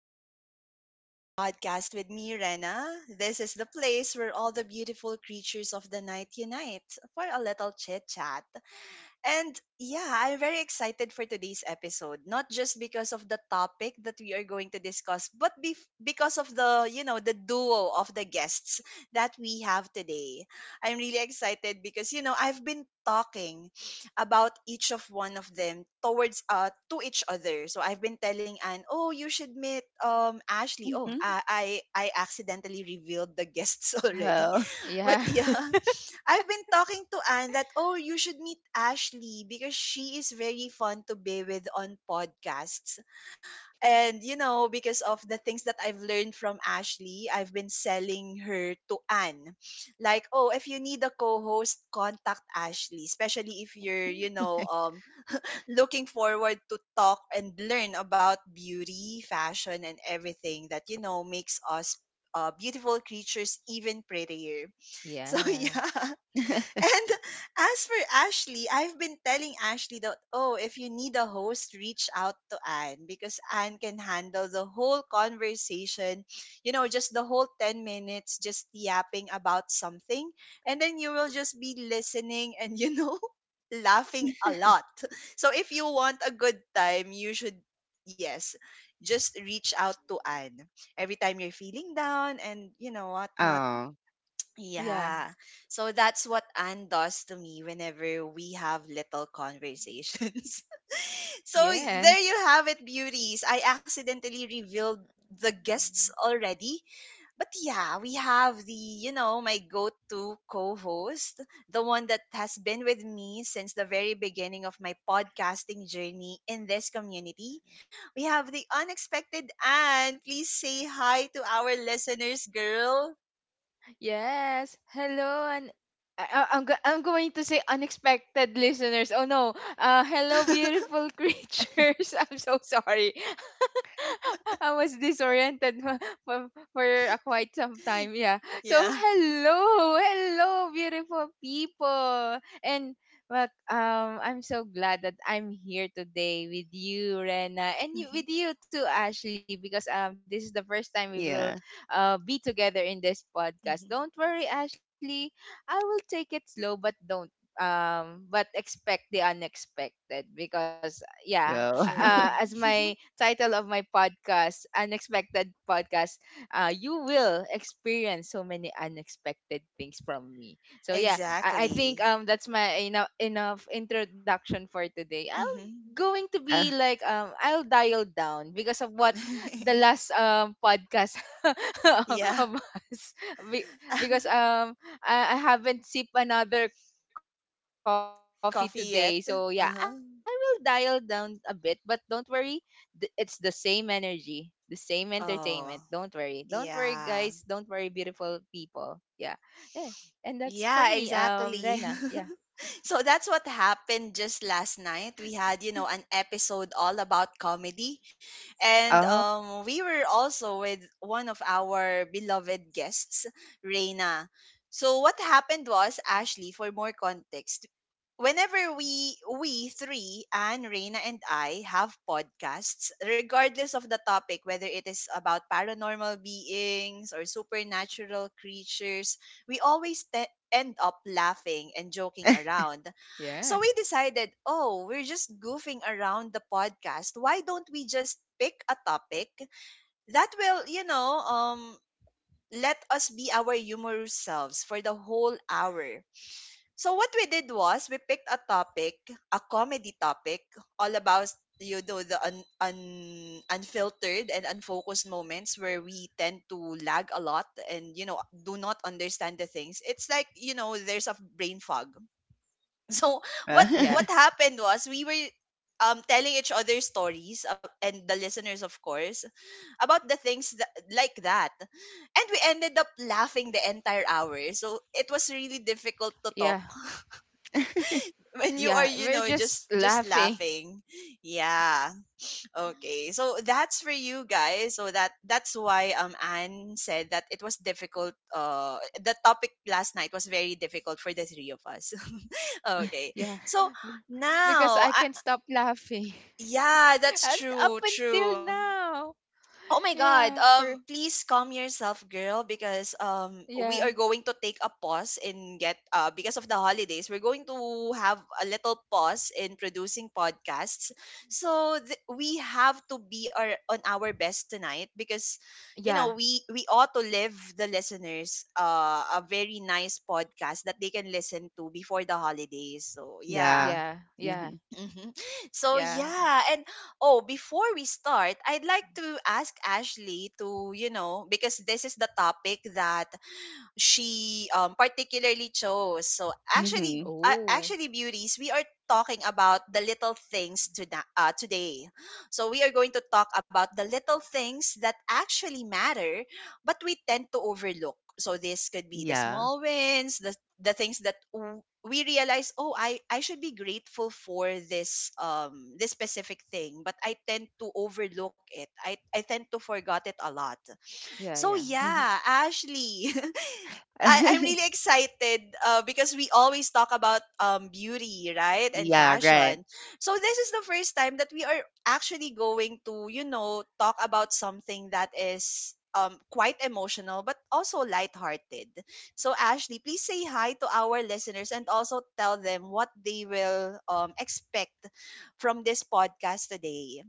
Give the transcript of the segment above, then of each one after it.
to the Sleepless Beauty Podcast with me, Rena. This is the place where all the beautiful creatures of the night unite for a little chit chat. And yeah, I'm very excited for today's episode, not just because of the topic that we are going to discuss, but because of the duo of the guests that we have today. I'm really excited because, I've been talking about each of one of them towards to each other. So I've been telling Anne, "Oh, you should meet Ashley." Oh, Mhm. I accidentally revealed the guests already. Oh. But Yeah. yeah. I've been talking to Anne that, oh, you should meet Ashley because she is very fun to be with on podcasts. And because of the things that I've learned from Ashley, I've been selling her to Anne. Like, oh, if you need a co host, contact Ashley, especially if you're looking forward to talk and learn about beauty, fashion, and everything that makes us. Beautiful creatures even prettier. So Yeah. yeah. And as for Ashley, I've been telling Ashley that, oh, if you need a host, reach out to Anne because Anne can handle the whole conversation, just the whole 10 minutes, just yapping about something. And then you will just be listening and laughing a lot. So if you want a good time, you should, yes, just reach out to Anne every time you're feeling down and whatnot. Oh, Yeah. Yeah. So that's what Anne does to me whenever we have little conversations. So there Yes. you have it, beauties. I accidentally revealed the guests already. But yeah, we have my go to co host, the one that has been with me since the very beginning of my podcasting journey in this community. We have the unexpected Anne. Please say hi to our listeners, girl. Yes. Hello. And I'm going to say unexpected listeners. Oh no. Hello, beautiful creatures. I'm so sorry. I was disoriented for, a quite some time. Yeah. So Yeah. hello, hello, beautiful people. And but I'm so glad that I'm here today with you, Rena, and Mm-hmm. you, with you too, Ashley, because this is the first time we will yeah. Be together in this Mhm. podcast. Don't worry, Ashley. I will take it slow, but don't but expect the unexpected. because yeah Well, uh, True. as my title of my podcast, Unexpected Podcast, you will experience so many unexpected things from me. So yeah, I think Exactly. That's my enough introduction for today. I'll Hmm. going to be uh, like I'll dial down because of what the last podcast Yeah. of us. Be- because I haven't sipped another coffee today, so yeah, I will Coffee dial yet? down a bit. Uh-huh. But don't worry, it's the same energy, the same entertainment. Don't worry. Don't worry, Oh, guys. Don't worry, beautiful yeah. people. Yeah. Yeah. And that's for me, Rena. Yeah, Yeah. exactly. So that's what happened just last night. We had an episode all about comedy. And oh, um we were also with one of our beloved guests, Reina. So what happened was, Ashley, for more context, whenever we three, Anne, Reina, and I have podcasts, regardless of the topic, whether it is about paranormal beings or supernatural creatures, we always end up laughing and joking around. So Yeah. we decided, oh, we're just goofing around the podcast. Why don't we just pick a topic that will let us be our humorous selves for the whole hour? So what we did was we picked a topic, a comedy topic, all about the unfiltered and unfocused moments where we tend to lag a lot and do not understand the things. It's like there's a brain fog. So what uh, what Yeah. happened was we were telling each other stories, and the listeners of course, about the things that, like that, and we ended up laughing the entire hour, so it was really difficult to talk Yeah. when you are Yeah. you We're know just just just laughing. laughing. Yeah. Okay, so that's for you guys. So that's why Anne said that it was difficult. The topic last night was very difficult for the three of us. Okay. Yeah. So Because now I I, can't stop laughing. yeah, that's And up true, until true. now. Oh my God. Yeah. For Please calm yourself, girl, because we yeah. are going to take a pause in get because of the holidays. We're going to have a little pause in producing podcasts. So we have to be our on our best tonight because you know, Yeah. we we ought to leave the listeners a very nice podcast that they can listen to before the holidays. So yeah. yeah. Yeah. Yeah. Mm-hmm. Hmm. So Yeah. yeah, and oh, before we start, I'd like to ask Ashley to, because this is the topic that she particularly chose. So actually, Mm-hmm. uh, Oh. actually, beauties, we are talking about the little things to today. So we are going to talk about the little things that actually matter, but we tend to overlook. So this could be the Yeah. small wins, the things that we realize. Oh, I should be grateful for this specific thing, but I tend to overlook it. I tend to forget it a lot. So Yeah, yeah. Mhm. yeah, Ashley. I'm really excited, because we always talk about beauty, right? And Yeah, right. fashion. So this is the first time that we are actually going to talk about something that is quite emotional but also lighthearted. So Ashley, please say hi to our listeners and also tell them what they will expect from this podcast today.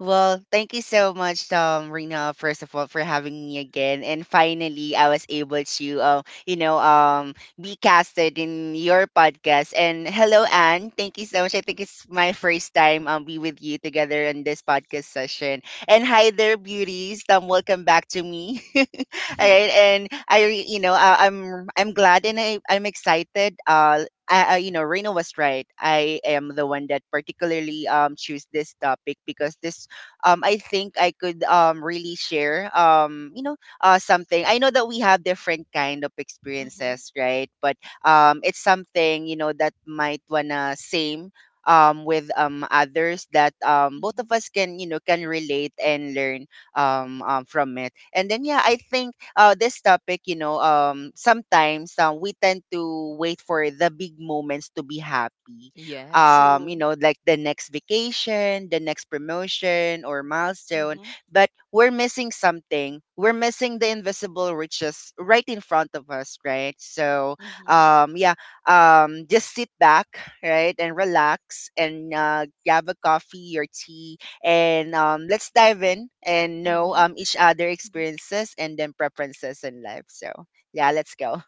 Well, thank you so much, Rena, first of all, for having me again. And finally, I was able to, be casted in your podcast. And hello, Anne. Thank you so much. I think it's my first time be with you together in this podcast session. And hi there, beauties. Welcome back to me. All right, you know, I'm glad and I'm excited. You know, Reno was right. I am the one that particularly choose this topic because this I think I could really share something. I know that we have different kind of Mm-hmm, experiences, right? But it's something you know that might wanna same with others that both of mm-hmm. us can you know can relate and learn from it. And then yeah, I think this topic you know sometimes we tend to wait for the big moments to be happy, Yes. You True. know, like the next vacation, the next promotion or milestone. Mm-hmm, But we're missing something, we're missing the invisible riches right in front of us, right? So mm-hmm, yeah, just sit back, right, and relax, and grab a coffee or tea, and let's dive in and know mm-hmm. Each other Hmm. experiences and then preferences in life. So yeah, let's go.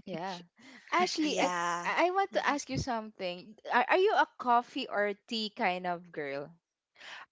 Yeah. Ashley, Yeah. I want to Mm-hmm. ask you something. Are you a coffee or tea kind of girl?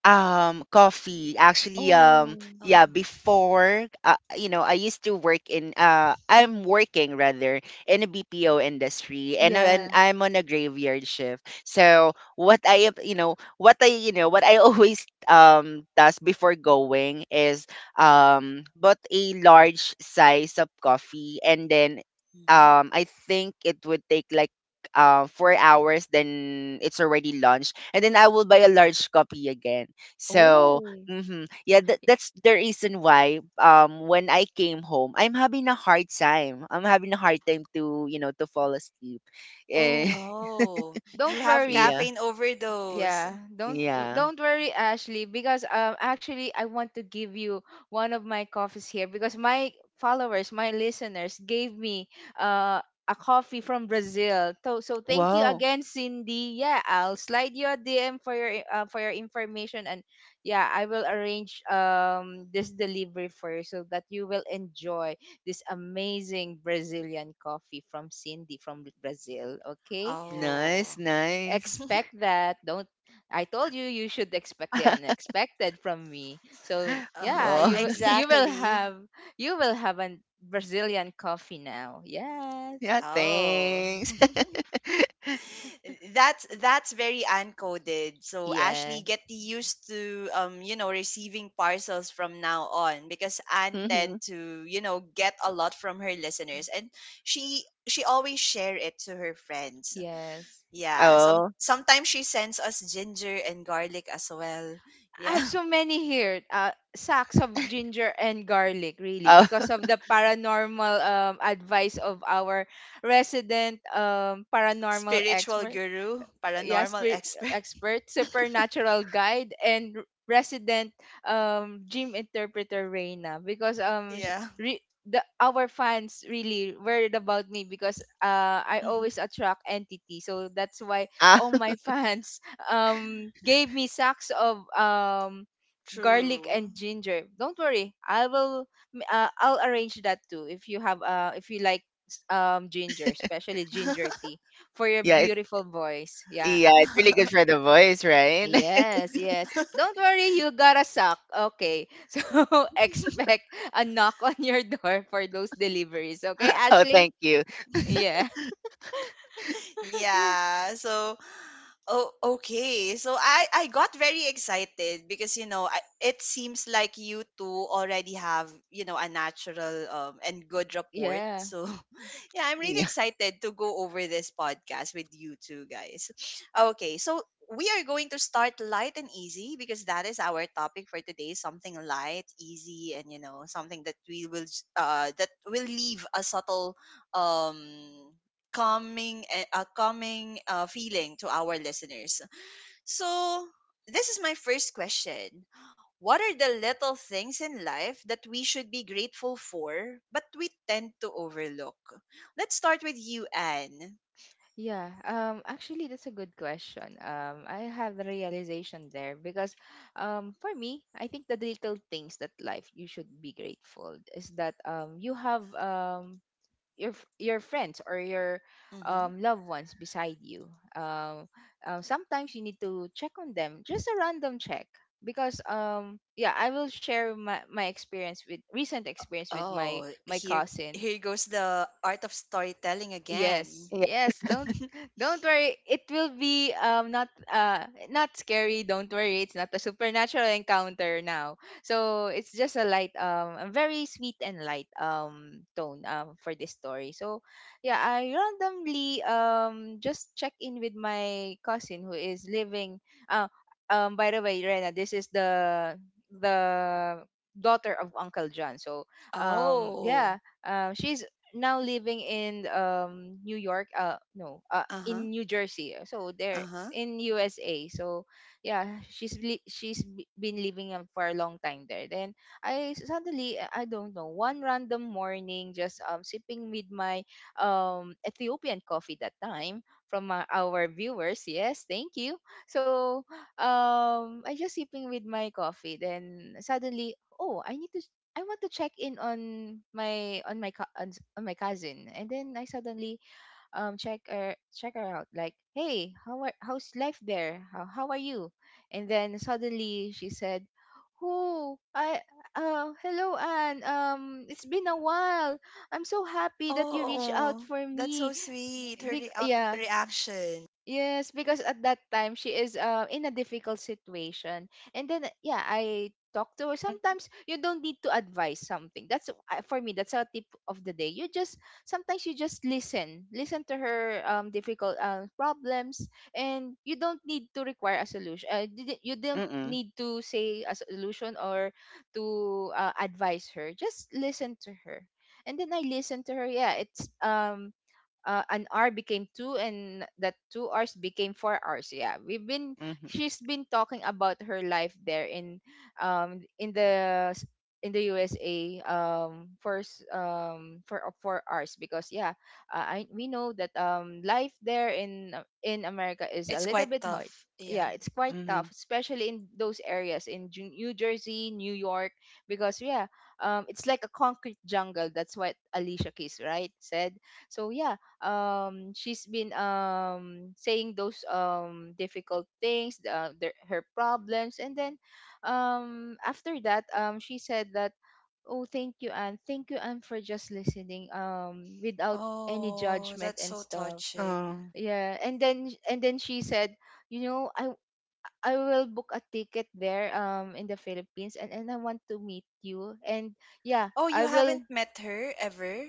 Coffee. Actually, Oh. Yeah, Oh. before, I used to work in, I'm working rather in a BPO industry, and Yeah. I'm on a graveyard shift. So what I, have- you know, what I, you know, what I always, does before going is, bought a large size of coffee and then, Mm-hmm. I think it would take like, 4 hours, then it's already lunch. And then I will buy a large copy again. So, Oh. mhm. Yeah, that, that's the reason why when I came home, I'm having a hard time. I'm having a hard time to, you know, to fall asleep. Eh, Oh. Oh, you Don't have worry. yeah. caffeine overdose. Yeah, Yeah. don't worry, Ashley, because actually I want to give you one of my coffees here, because my followers, my listeners gave me uh a coffee from Brazil. So so thank Mhm. you Wow. again, Cindy. Yeah, I'll slide you a DM for your information. And yeah, I will arrange this delivery for you so that you will enjoy this amazing Brazilian coffee from Cindy from Brazil, okay? Nice, Oh. nice. Expect that. Don't I told you you should expect the unexpected from me. So yeah, Well, you will Exactly. have, you will have a Brazilian coffee now. Yes. yeah, Oh. thanks. That's very uncoded. So Yeah. Ashley, get used to receiving parcels from now on because Anne Mhm. tend to get a lot from her listeners, and she always share it to her friends. Yes. Yeah, some Oh. sometimes she sends us ginger and garlic as well. I have Yeah. so many here. Sacks of ginger and garlic, really, Oh. because of the paranormal advice of our resident paranormal Spiritual expert. guru, Yeah, paranormal spirit expert. expert, supernatural guide, and resident dream interpreter Reina, because Yeah. The our fans really worried about me because I Mhm. always attract entity. So that's why Ah, all my fans gave me sacks of garlic True. and ginger. Don't worry, I will I'll arrange that too, if you have if you like ginger, especially ginger tea, for your yeah, beautiful voice. Yeah. yeah, it's really good for the voice, right? Yes, yes. Don't worry, you gotta suck. Okay. So expect a knock on your door for those deliveries. Okay, Oh, Ashley? thank you. Yeah. Yeah. Yeah. So, oh, okay. So I got very excited because it seems like you two already have a natural and good rapport. Yeah. So yeah, I'm really Yeah. excited to go over this podcast with you two guys. Okay, so we are going to start light and easy because that is our topic for today. Something light, easy, and something that that will leave a subtle um calming, a calming, feeling to our listeners. So, this is my first question. What are the little things in life that we should be grateful for, but we tend to overlook? Let's start with you, Anne. Yeah. Actually, that's a good question. I have the realization there, because for me, I think the little things that life you should be grateful is that you have your your friends or your Hmm. Loved ones beside you. Um, Sometimes you need to check on them, just a random check. Because yeah, I will share my experience, with recent experience with Oh, my here cousin. here goes the art of storytelling Yes, again. Yeah. yes. Don't worry. It will be not not scary. Don't worry. It's not a supernatural encounter now. So it's just a light a very sweet and light tone for this story. So yeah, I randomly just check in with my cousin who is living. Uh, by the way, Rena, this is the daughter of Uncle John. So yeah, Oh, she's now living in New York, no, uh in huh, New Jersey, so they're uh huh. in USA. So yeah, she's li- she's b- been living for a long time there. Then suddenly, I don't know, one random morning just sipping with my Ethiopian coffee that time from our viewers, yes, thank you. So I just sipping with my coffee, then suddenly, oh, I need to, I want to check in on my co- on, s- on my cousin. And then I suddenly check her out, like, hey, how's life there? How are you? And then suddenly she said, "Oh, I hello, Anne. It's been a while. I'm so happy that you reached out Oh, for that's me." so sweet. Her Big yeah. reaction. Yes, because at that time she is, in a difficult situation. And then, yeah, I talk to her. Sometimes you don't need to advise something. That's, for me that's a tip of the day. You just, sometimes you just listen. Listen to her difficult problems, and you don't need to require a solution. You don't Mm-mm. need to say a solution or to advise her. Just listen to her. And then I listen to her. Yeah, it's an hour became two, and that 2 hours became 4 hours. Yeah, we've been Mm-hmm. she's been talking about her life there in um in the s- the USA for s- for 4 hours. Because yeah, I, we know that life there in America is a It's little quite bit hard. tough. Yeah. Yeah, it's quite Mm-hmm. tough, especially in those areas in New Jersey, New York, because yeah, it's like a concrete jungle. That's what Alicia Keys right said. So yeah, she's been saying those difficult things, her problems. And then after that she said that, "Oh, thank you, Anne, thank you, Anne, for just listening without any Oh, judgment that's and so stuff." touching. Oh. Yeah. And then, and then she said, "You know, I will book a ticket there in the Philippines, and I want to meet you." And yeah, Oh, I you will haven't met her ever?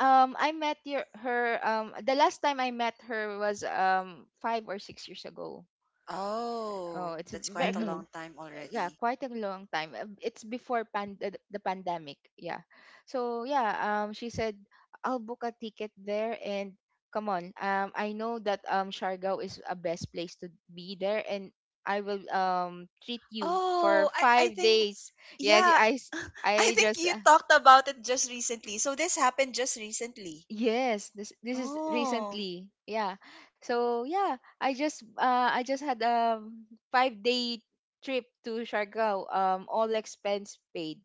I met your, her, the last time I met her was 5 or 6 years ago. Oh, Oh, it's a that's very, quite a Mm-hmm. long time yeah, already. quite a long time. It's before the pandemic. Yeah, so yeah, she said, "I'll book a ticket there, and come on, I know that Siargao is a best place to be there, and I will treat you Oh, for I five think, days. Yes, yeah, I s- I I think you just talked about it just recently. So this happened just recently. Yes, this is Oh, recently. Yeah. So yeah, I just had a 5 day trip to Siargao, all expense paid.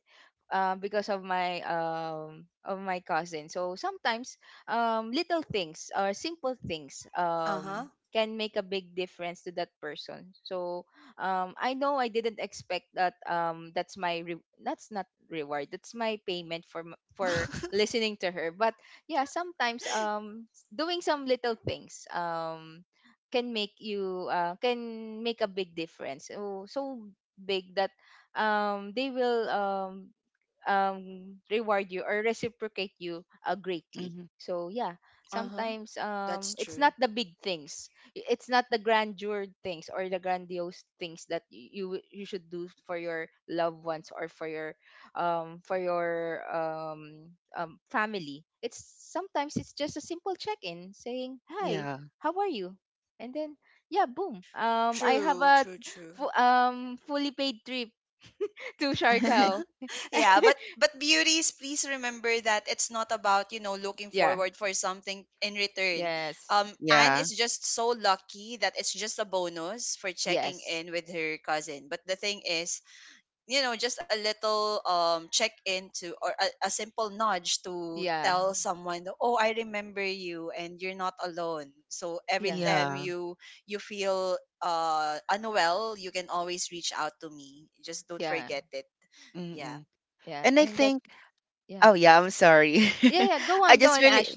Because of my, of my cousin. So sometimes little things or simple things uh huh. Can make a big difference to that person. So I know I didn't expect that, that's not reward, that's my payment for for listening to her. But yeah, sometimes doing some little things can make you, can make a big difference, so, so big, that they will reward you or reciprocate you, greatly. Mm-hmm. So yeah, Uh huh. sometimes, That's it's true. not the big things, it's not the grandeur things or the grandiose things that you you should do for your loved ones or for your, um, for your um, family. It's, sometimes it's just a simple check-in, saying hi, Yeah. how are you, and then yeah, boom. I have True, a true, true. Fully paid trip to Siargao. Yeah, but beauties, please remember that it's not about looking Yeah. forward for something in return. Yes. Anne Yeah. is just so lucky that it's just a bonus for checking Yes. in with her cousin, but the thing is, just a little check in to or a simple nudge to Yeah. tell someone, oh, I remember you and you're not alone, so every Yeah. time Yeah. you feel unwell, you can always reach out to me, just don't Yeah. forget it. Yeah. Mm-mm. Yeah. And I And that think, yeah. oh yeah, I'm sorry. Yeah, yeah. Go I on, go just on, really, Ash.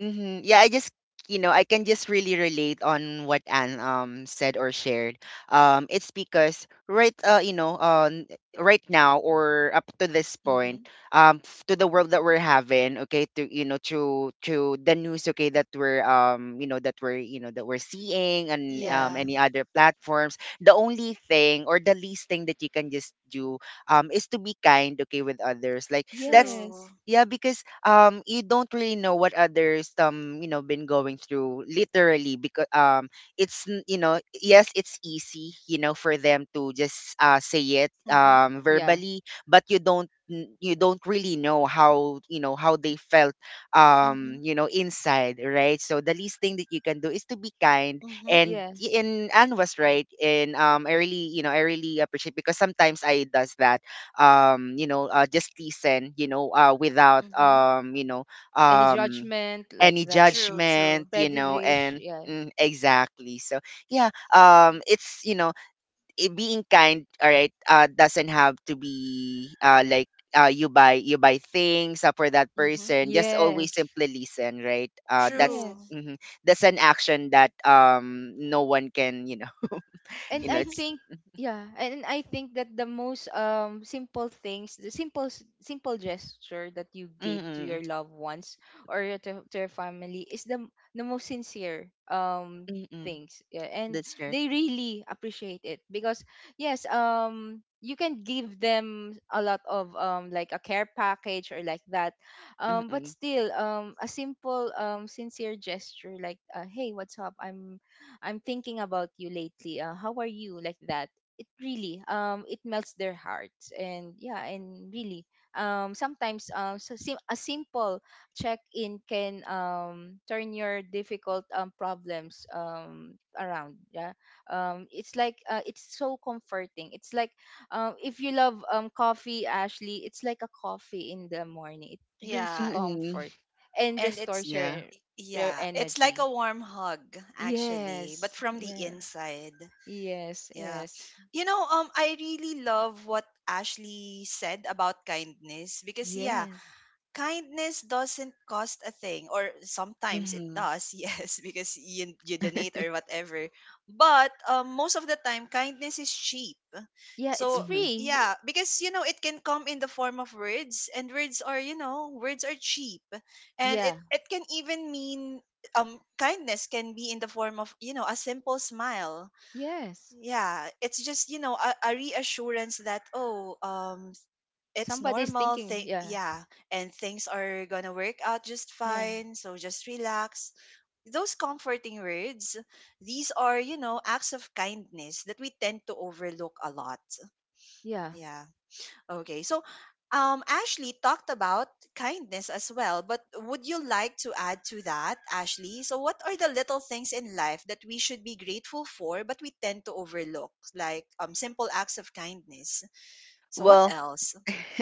hmm Yeah, I just you know I can just really relate on what Anne said or shared. It's because right right now or up to this point Mhm. To the world that we're having, okay, to to the news, okay, that we're you know that we're you know that we're seeing and Yeah. Yeah. any other platforms. The only thing or the least thing that you can just do is to be kind. Okay, with others, like that's. Yes. True. Yeah, because you don't really know what others you know been going through literally, because you know, yes, it's easy, you know, for them to just say it Mhm. Yeah. verbally, but you don't really know how, you know, how they felt, Mhm. you know, inside, right? So the least thing that you can do is to be kind. Mhm. And Yes. and Anne was right, and I really, you know, I really appreciate, because sometimes I does that, just listen, you know, without Mhm. Any um judgment like any that. True. judgment, True. you know. Prejudice. And Yeah. mm, exactly. So yeah, it's you know it, being kind, all right, doesn't have to be like, you buy, things, for that Mhm. person. Just always Yes. simply listen, right? That's True. Yes. mhm. That's an action that no one can you know you and know I it's think yeah, and I think that the most simple things, the simple simple gesture that you gave to mm-mm, your loved ones or your, to your family is the most sincere mm-mm, things. Yeah. And that's right, they really appreciate it, because yes, you can give them a lot of like a care package or like that. But mm-mm, still a simple sincere gesture like, hey, what's up? I'm thinking about you lately. How are you, like that? It really, it melts their hearts. And yeah, and really, sometimes, a simple check in can turn your difficult problems around. Yeah, it's like, it's so comforting. It's like, if you love coffee, Ashley, it's like a coffee in the morning, it brings you Yeah. comfort and And it's restores Yeah. your yeah, it's like energy. a warm hug actually, but Yes. from the Yes. inside. Yes, Yeah. yes, I really love what Ashley said about kindness because yeah, yes. kindness doesn't cost a thing, or sometimes it Mhm. does yes, because you donate or whatever, but most of the time kindness is cheap, Yeah, it's so Mhm. yeah, free. because it can come in the form of words, and words are you know words are cheap, and it, Yeah, it can even mean kindness can be in the form of a simple smile. yes. Yeah, it's just a reassurance that oh, it's Somebody's normal thinking. thing. Yeah, Yeah. And things are gonna work out just yeah, fine, so just relax, those comforting words, these are acts of kindness that we tend to overlook a lot. yeah. Yeah. Okay, so Ashley talked about kindness as well, but would you like to add to that, Ashley? So what are the little things in life that we should be grateful for but we tend to overlook, like simple acts of kindness? So what Well, else?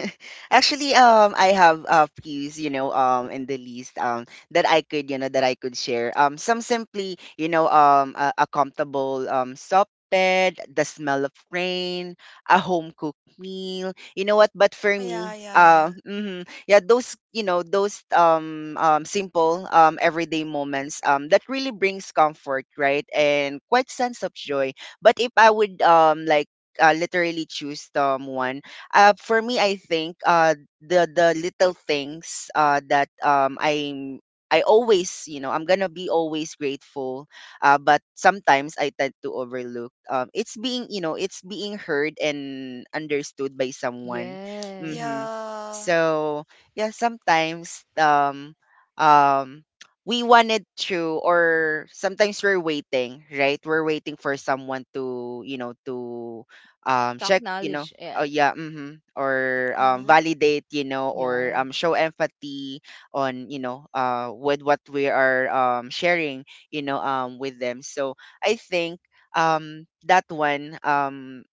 Actually, I have a few, you know, in the list, that I could, you know, that I could share. Some simply, you know, a comfortable, soft bed, the smell of rain, a home cooked meal. You know what? But for Oh yeah, me, yeah. Mhm, yeah, those, you know, those, simple, everyday moments, that really brings comfort, right, and quite sense of joy. But if I would, like. Literally choose someone, for me, I think, the little things, that I'm I always, you know, I'm gonna be always grateful, but sometimes I tend to overlook. It's being, you know, it's being heard and understood by someone. Yes. Mm-hmm. Yeah. So yeah, sometimes um, we wanted to, or sometimes we're waiting, right? We're waiting for someone to, you know, to Talk check, you know, knowledge. Oh Yeah, yeah, mhm. Or Mhm. validate, you know, or yeah, show empathy on, you know, with what we are sharing, you know, with them. So I think that one,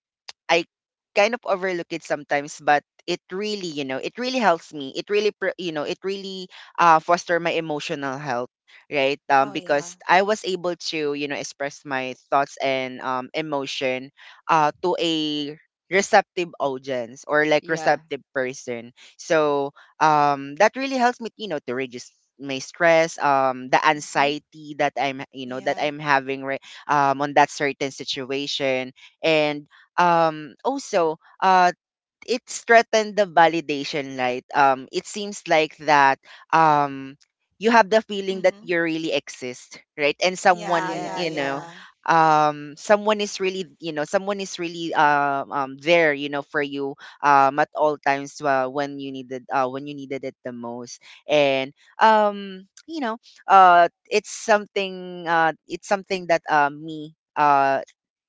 I kind of overlook it sometimes, but it really, you know, it really helps me. It really, it really foster my emotional health, right? Oh Because yeah. I was able to, you know, express my thoughts and emotion, to a receptive audience or like yeah, receptive person. So that really helps me, you know, to reduce my stress, the Mhm. anxiety that I'm, you know, that Yeah. I'm having, right, on that certain situation. And also it threatened the validation, right? It seems like that, um you have the feeling that Mhm. you really exist, right, and Yeah, someone, yeah, yeah, you know, yeah. yeah. Someone is really, there, you know, for you at all times, when you needed, when you needed it the most. And um you know it's something,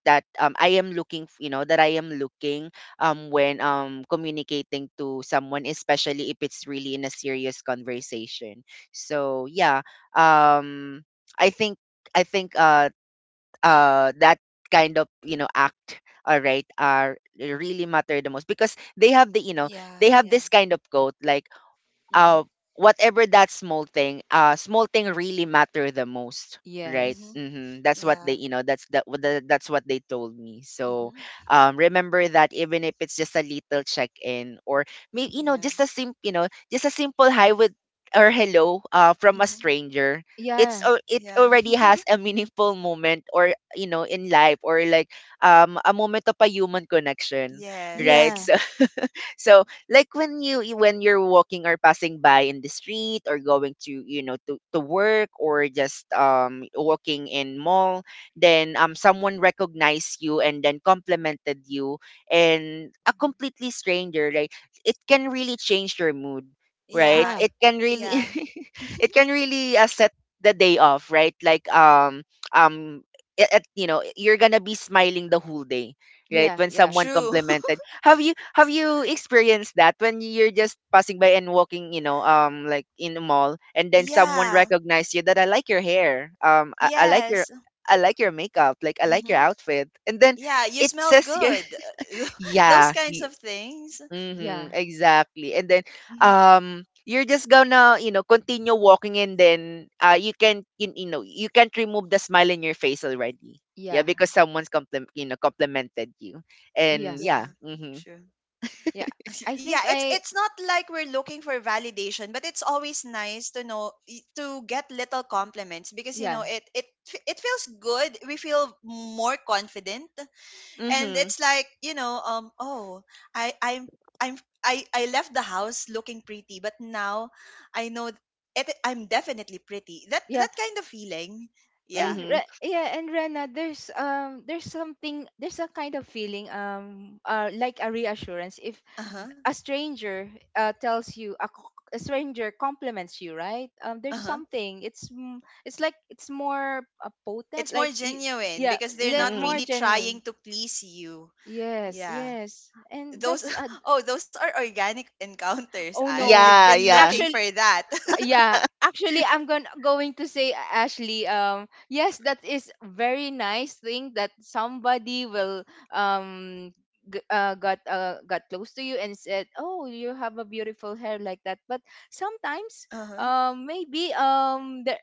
that I am looking, that I am looking, when communicating to someone, especially if it's really in a serious conversation. So yeah, um, I think I think uh, that kind of, you know, act, all right, are really matter the most, because they have the you know Yeah, they have yeah. this kind of quote like, uh, Mhm. whatever that small thing really matter the most, right? Yes. Mhm. hmm That's what they, Yeah. you know, that's that what the, that's what they told me. So, Mhm. Remember that even if it's just a little check-in, or maybe you know Yeah. just a simple, you know, just a simple hi with or hello, from a Mhm. stranger. Yeah, It Yeah. already has a meaningful moment or you know in life, or like a moment of a human connection, right? Yes. yeah, So so like when when you're walking or passing by in the street, or going to you know to work, or just walking in mall, then someone recognized you and then complimented you, and a completely stranger, like, it can really change your mood, right? Yeah. yeah, It can really Yeah. it can really, set the day off, right, like um at, you know, you're gonna be smiling the whole day, right, yeah, when yeah, someone True. complimented. Have you have you experienced that when you're just passing by and walking, you know, like in the mall, and then someone Yeah. recognize you, that I like your hair, Yes. I like your makeup, like I like Mhm. your outfit, and then Yeah, you it smell says you, good. Those yeah, kinds of things. yeah, mm-hmm, exactly, and then Mhm. You're just gonna you know continue walking, and then you can you know you can't remove the smile in your face already, yeah, yeah, because someone's compliment you know complimented you, yeah, and yeah, Yeah. mm-hmm. True. yeah. I Yeah, think it's I, it's not like we're looking for validation, but it's always nice to know to get little compliments because yeah, it feels good, we feel more confident. And Mm-hmm. it's like you know um oh I I'm I left the house looking pretty, but now I know it, I'm definitely pretty. that yeah. that kind of feeling. Yeah. and Mhm, Re- yeah and Rena, there's something, there's a kind of feeling, like a reassurance if Uh-huh. a stranger tells you a, a stranger compliments you, right? There's Uh-huh. something, it's like it's more potent, It's more like genuine yeah, because they're not more mhm. really genuine. trying to please you. Yes, Yeah, yes, and those that's oh those are organic encounters oh and no, you've Yeah, been looking yeah. for actually, that. yeah, actually, I'm going to say, Ashley, yes, that is very nice thing that somebody will um got close to you and said, "Oh, you have a beautiful hair," like that. But sometimes, Uh-huh. Maybe, there,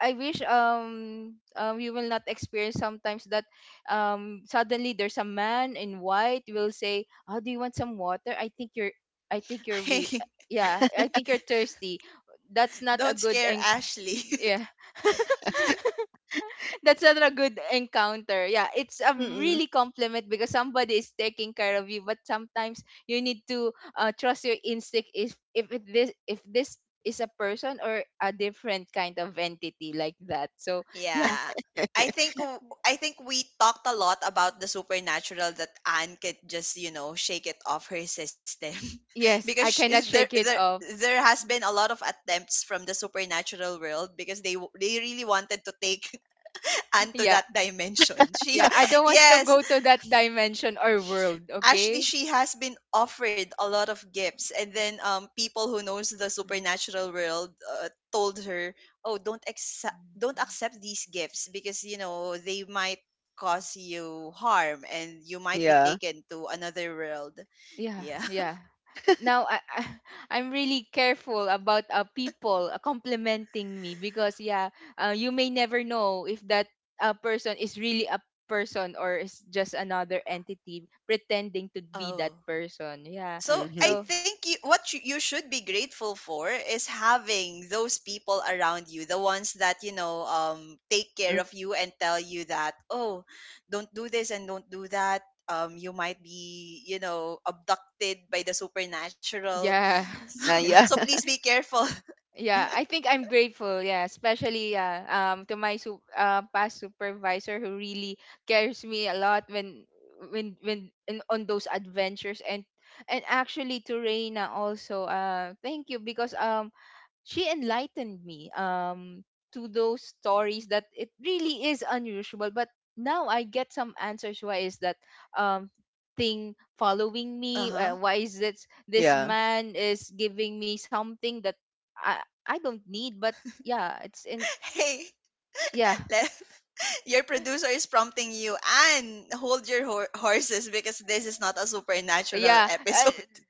I wish, you will not experience sometimes that, suddenly there's a man in white will say, "Oh, do you want some water? I think you're, I think you're we, Hey, yeah, I think you're thirsty." That's not a don't good scare enc- Ashley. Yeah. That's not a good encounter. Yeah, it's a Mm-mm. really compliment because somebody is taking care of you. But sometimes you need to trust your instinct if it, this if this is a person or a different kind of entity, like that. So yeah, Yeah, i think w- I think we talked a lot about the supernatural, that Anne could just shake it off her system. because yes, sh I cannot there shake there it off. there has been a lot of attempts from the supernatural world because they really wanted to take Anne to Yeah, that dimension, she yeah, I don't want to yes. go to that dimension or world. Actually, Okay. she has been offered a lot of gifts, and then people who knows the supernatural world told her, oh, don't accept, don't accept these gifts because they might cause you harm and you might be Yeah. taken to another world. Yeah, Yeah. yeah. Now I I'm really careful about people complimenting me, because yeah, you may never know if that person is really a person or is just another entity pretending to be that Oh, person. Yeah. so I Mhm. So think you should be grateful for is having those people around you, the ones that take care Mm, of you and tell you that, oh, don't do this and don't do that. You might be abducted by the supernatural. yeah, So, and so yeah. please be careful. yeah, I think I'm grateful, yeah, especially, yeah, to my past supervisor who really cares me a lot when on those adventures. And actually, to Reina also, uh, thank you, because she enlightened me, to those stories, that it really is unusual, but now I get some answers why is that, um thing following Uh me, huh. why is this Yeah. man is giving me something that i I don't need. But yeah, it's in, Hey, yeah. let, your producer is prompting you, and hold your horses because this is not a supernatural Yeah, episode.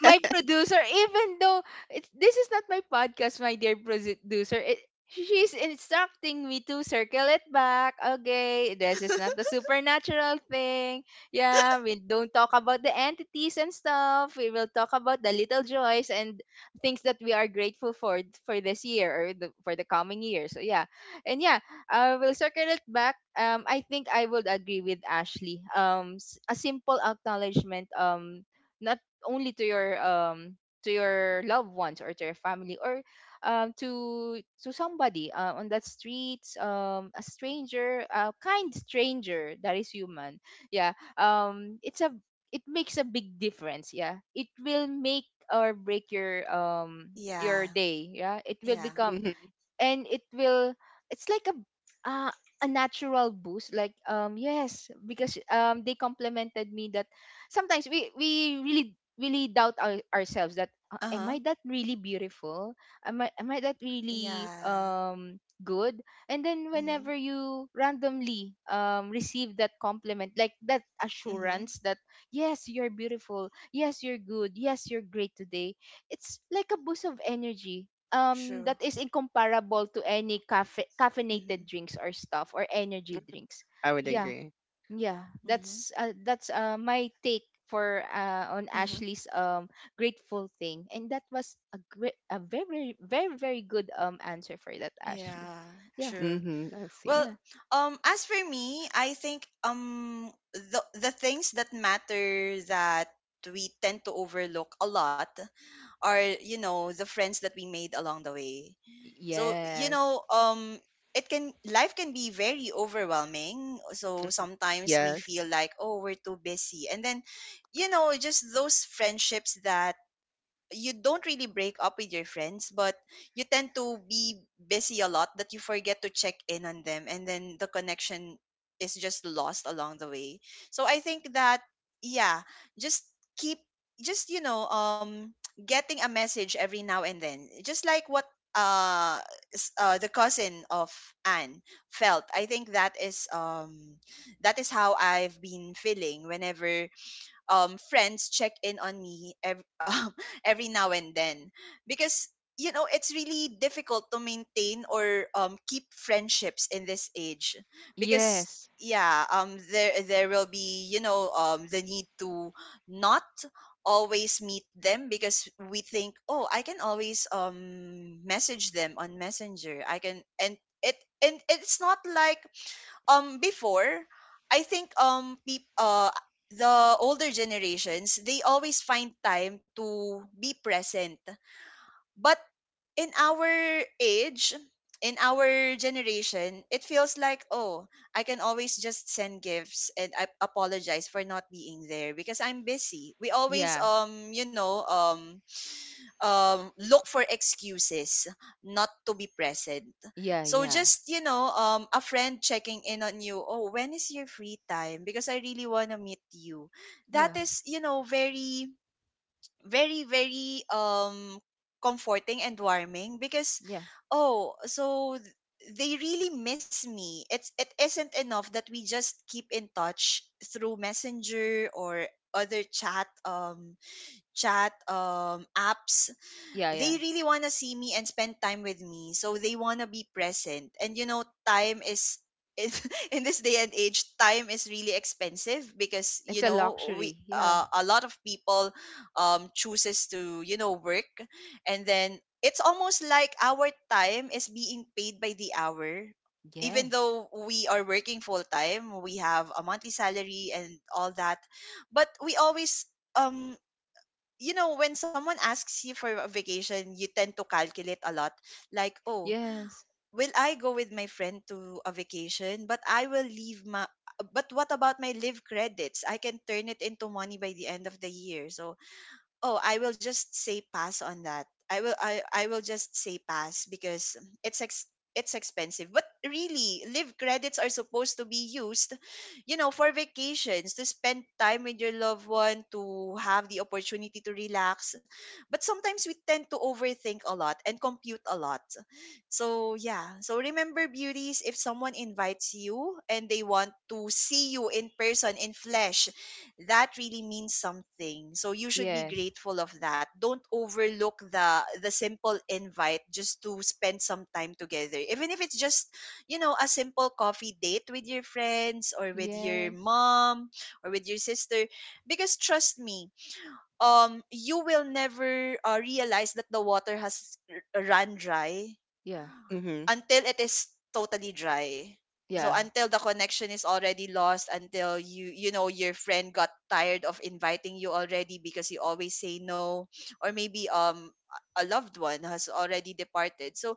my producer, even though it's this is not my podcast, my dear producer, it, she's instructing me to circle it back. Okay, this is not the supernatural thing. Yeah, we don't talk about the entities and stuff. We will talk about the little joys and things that we are grateful for this year or the, for the coming year. So yeah, and yeah, I will circle it back. I think I would agree with Ashley. A simple acknowledgement. Um, not only to your loved ones or to your family or to somebody on that streets, a stranger, a kind stranger that is human, yeah. It's a, it makes a big difference. Yeah, it will make or break your Yeah. day. Yeah, it will Yeah. become, Mhm. and it will, it's like uh, a natural boost, like, yes, because they complimented me that sometimes we really really doubt ourselves, that Uh am huh. I that really beautiful, am I, am I that really Yeah. Good. And then Mhm. whenever you randomly receive that compliment, like that Mhm. assurance that yes, you're beautiful, yes, you're good, yes, you're great today, it's like a boost of energy True. that is incomparable to any cafe caffeinated Mhm. drinks or stuff or energy drinks. I would Mhm. Yeah, agree. yeah. Mhm. That's my take for on Mhm. Ashley's grateful thing. And that was a great, a very good answer for that, Ashley. Yeah. Yeah, True. Mhm. I see. Well, yeah. As for me, I think the things that matter, that we tend to overlook a lot, are the friends that we made along the way. So you Yes, know it can life can be very overwhelming. So sometimes we Yes. feel like, oh, we're too busy, and then just those friendships that you don't really break up with your friends, but you tend to be busy a lot that you forget to check in on them, and then the connection is just lost along the way. So I think that yeah, just keep just getting a message every now and then, just like what uh, the cousin of Anne felt. I think that is how I've been feeling whenever friends check in on me every, every now and then, because it's really difficult to maintain or keep friendships in this age because yes. yeah, there will be the need to not always meet them because we think, oh, I can always message them on messenger, I can and it and it's not like before. I think the older generations, they always find time to be present, but in our age, in our generation, it feels like, oh, I can always just send gifts and I apologize for not being there because I'm busy. We always Yeah, look for excuses not to be present. yeah, So yeah, just a friend checking in on you, oh, when is your free time because I really wanna meet you. That yeah, is very, very, very comforting and warming because, yeah, oh, they really miss me. It isn't enough that we just keep in touch through messenger or other chat apps. yeah. They really want to see me and spend time with me, so they want to be present. And you know, time is in this day and age, time is really expensive because It's you a know, we luxury. Yeah. A lot of people chooses to you know work, and then it's almost like our time is being paid by the hour. Even Yes. though we are working full time, we have a monthly salary and all that, but we always um you know, when someone asks you for a vacation, you tend to calculate a lot. Like, oh, Yes. will I go with my friend to a vacation? But I will leave my. But what about my live credits? I can turn it into money by the end of the year. So, oh, I will just say pass on that. I will just say pass because it's ex- it's expensive. But really, live credits are supposed to be used, you know, for vacations, to spend time with your loved one, to have the opportunity to relax. But sometimes we tend to overthink a lot and compute a lot. So, yeah. So remember, beauties, if someone invites you and they want to see you in person, in flesh, that really means something. So you should be Yes. grateful of that. Don't overlook the simple invite just to spend some time together. Even if it's just, you know, a simple coffee date with your friends or with your Yes. mom or with your sister. Because trust me, you will never realize that the water has run dry Yeah. Mhm. until it is totally dry. So Yeah. until the connection is already lost, until you know, your friend got tired of inviting you already because you always say no, or maybe a loved one has already departed. So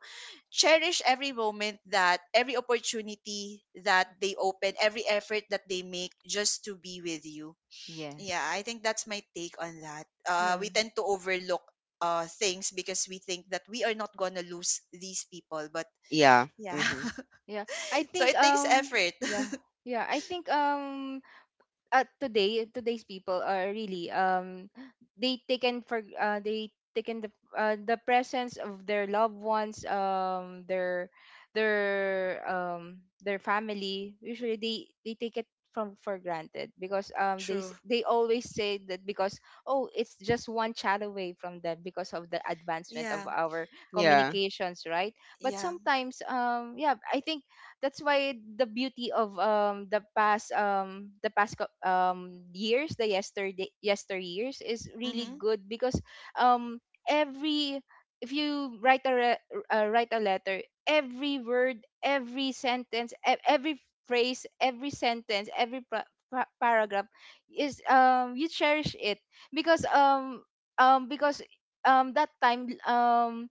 cherish every moment, that every opportunity that they open, every effort that they make just to be with you. Yeah, Yes. I think that's my take on that. Yeah. We tend to overlook things because we think that we are not gonna lose these people, but Yeah. yeah. Mhm. Yeah. I So it think, takes effort. yeah. Yeah, I think, today, today's people are really they taken for they taken the presence of their loved ones, their their family. Usually they take it from for granted, because True. they always say that, because oh, it's just one chat away from them, because of the advancement of Yeah. our Yeah. communications, right? But Yeah. sometimes, yeah, I think that's why the beauty of the past, years, the yesterday, yesteryears is really Mm-hmm. good, because um every, if you write a letter, every word, every sentence, every phrase, every sentence, every paragraph is, you cherish it, because um because that time, um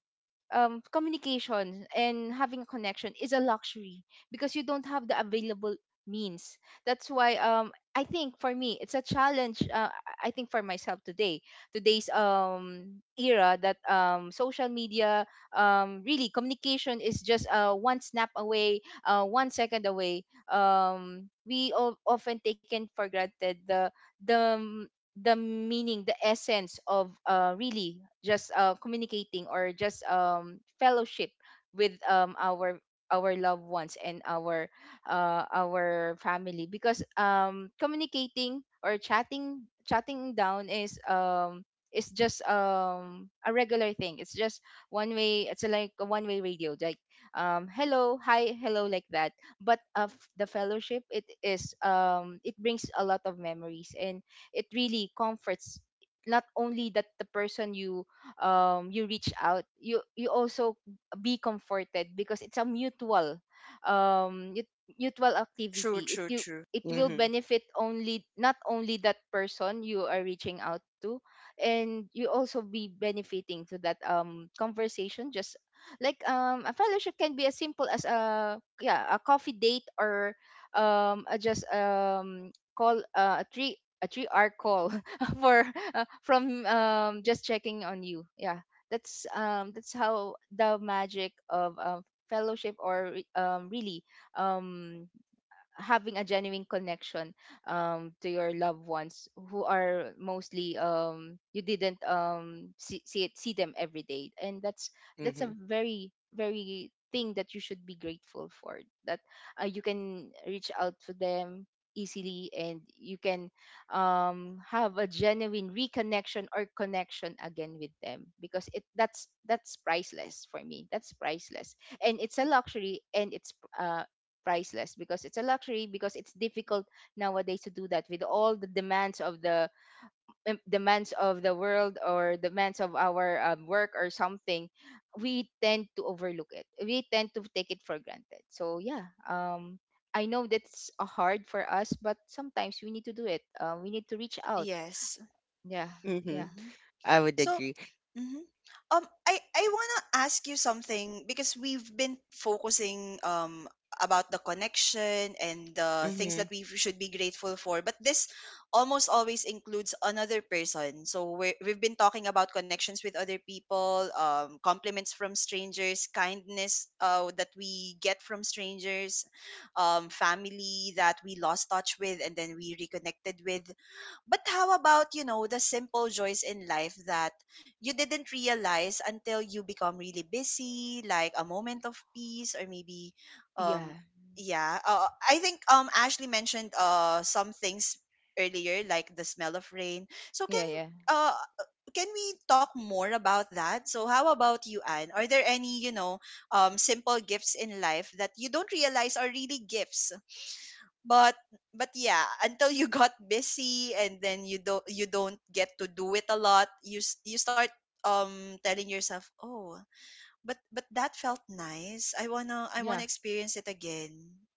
um, communication and having a connection is a luxury, because you don't have the available means. That's why, I think for me, it's a challenge. I think for myself today, today's era, that social media, really communication is just one snap away, 1 second away. We often taken for granted the the meaning, the essence of really just communicating, or just fellowship with our loved ones and our family, because communicating or chatting down is just a regular thing. It's just one way, it's like a one way radio, like, hello, hi, hello, like that. But of the fellowship, it is, it brings a lot of memories, and it really comforts not only that the person you you reach out, you also be comforted, because it's a mutual um mut- mutual True, activity. it true, you true. it will Mhm. benefit only not only that person you are reaching out to, and you also be benefiting to that conversation. Just like a fellowship can be as simple as a, yeah, a coffee date, or a just call, a 3 hour call for from just checking on you. Yeah, that's how the magic of fellowship, or really um, having a genuine connection to your loved ones who are mostly you didn't see them every day. And that's a Mhm. very very thing that you should be grateful for, that you can reach out to them easily, and you can have a genuine reconnection or connection again with them, because it that's priceless for me, that's priceless. And it's a luxury, and it's priceless because it's a luxury, because it's difficult nowadays to do that with all the demands of the demands of the world, or demands of our work or something. We tend to overlook it, we tend to take it for granted. So yeah, I know that's hard for us, but sometimes we need to do it. Uh, we need to reach out. Yes. Yeah, yeah, Mhm. Mm-hmm. I would So, agree. mhm. I wanna ask you something because we've been focusing about the connection and the things that Mhm. we should be grateful for, but this almost always includes another person. So we've been talking about connections with other people, compliments from strangers, kindness that we get from strangers, family that we lost touch with and then we reconnected with. But how about, you know, the simple joys in life that you didn't realize until you become really busy, like a moment of peace or maybe yeah, um yeah, I think Ashley mentioned some things earlier, like the smell of rain. So yeah, yeah, uh can we talk more about that? So how about you, Anne? Are there any, you know, simple gifts in life that you don't realize are really gifts? but but yeah, until you got busy, and then you don't get to do it a lot. You start telling yourself, oh, but that felt nice, I want yeah, to experience it again,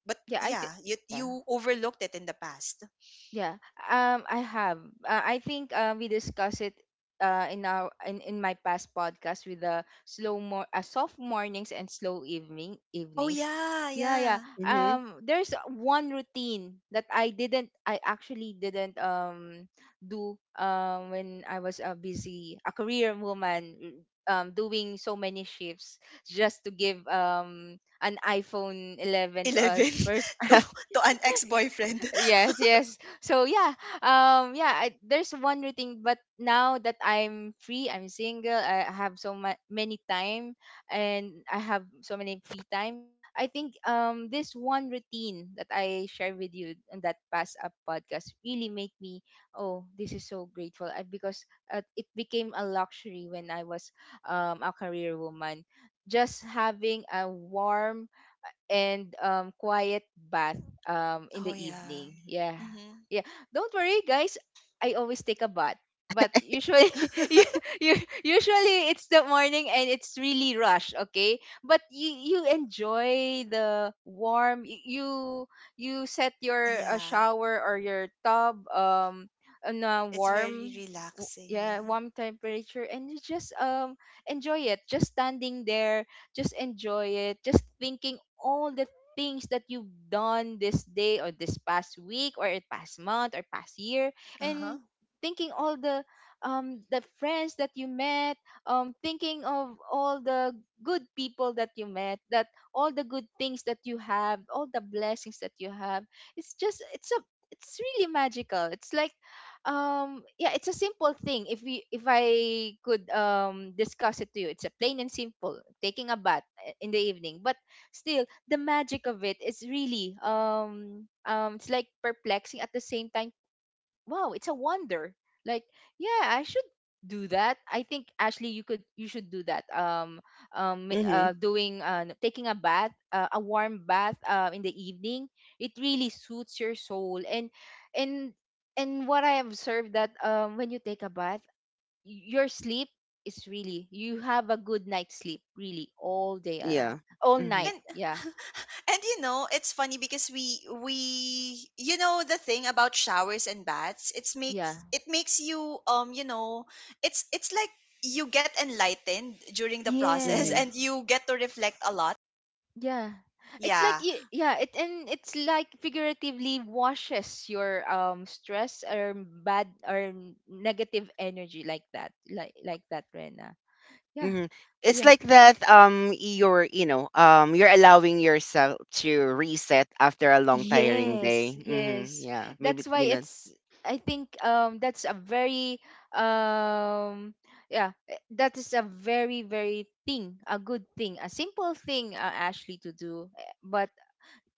but yeah. I think, yeah, you yeah. Overlooked it in the past. Yeah, I have. I think we discussed it in my past podcast, with the slow more soft mornings and slow Oh, evenings. yeah. Yeah, yeah. Yeah. Mhm. There's one routine that I didn't, I actually didn't do when I was a busy a career woman, doing so many shifts just to give an iPhone 11 to a 11. person. to mhm. to an ex-boyfriend. Yes, yes, so yeah, yeah, I, there's one routine, but now that I'm free, I'm single, I have so much many time, and I have so many free time. I think, this one routine that I share with you in that past up podcast really make me, oh, this is so grateful, I, because it became a luxury when I was a career woman, just having a warm and quiet bath, in Oh the yeah. evening. Yeah. Mhm. Yeah. Don't worry guys, I always take a bath. But usually you, you, usually it's the morning, and it's really rush, okay? But you enjoy the warm, you you set your Yeah, shower or your tub on a it's very warm relaxing. yeah, Yeah. warm temperature, and you just enjoy it. Just standing there, just enjoy it, just thinking all the things that you've done this day, or this past week or past month or past year, Uh-huh. and thinking all the friends that you met, thinking of all the good people that you met, that all the good things that you have, all the blessings that you have. It's just, it's a, it's really magical. It's like, yeah, it's a simple thing, if we, if I could discuss it to you, it's a plain and simple taking a bath in the evening, but still the magic of it is really it's like perplexing at the same time. Wow, it's a wonder, like, yeah, I should do that. I think, Ashley, you could, you should do that, doing, taking a bath, a warm bath, in the evening. It really suits your soul. And and and what I observed, that when you take a bath, your sleep is really, you have a good night's sleep, really, all day around, Yeah. all Mhm. night, And yeah. and you know, it's funny because we you know, the thing about showers and baths, Yeah. it makes you you know, it's like you get enlightened during the process Mhm. and Yes. you get to reflect a lot. Yeah. It's like Yeah, yeah, it and it's like figuratively washes your stress or bad or negative energy like that. Like that, Rena. Yeah. hmm It's Yeah. like that you're you know you're allowing yourself to reset after a long tiring day. Yes. Hmm Yes. Yeah, maybe That's you why know. it's I think that's a very um yeah, that is a very thing, a good thing, a simple thing Ashley to do, but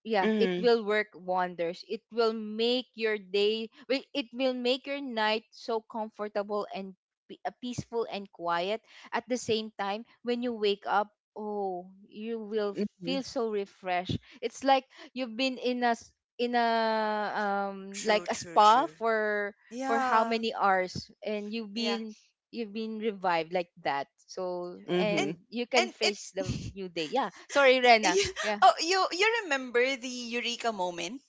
yeah, it Hmm will work wonders. It will make your it will make your night so comfortable and peaceful and quiet at the same time. When you wake up, oh, you will hmm feel so refreshed. It's like you've been in a, like true, a true, spa true. for how Yeah. many hours, and you've Yeah. been, you've been revived like that. So, and and hmm you and can it face the new day. Yeah, sorry, Rena. you, Yeah. oh, you remember the eureka moment?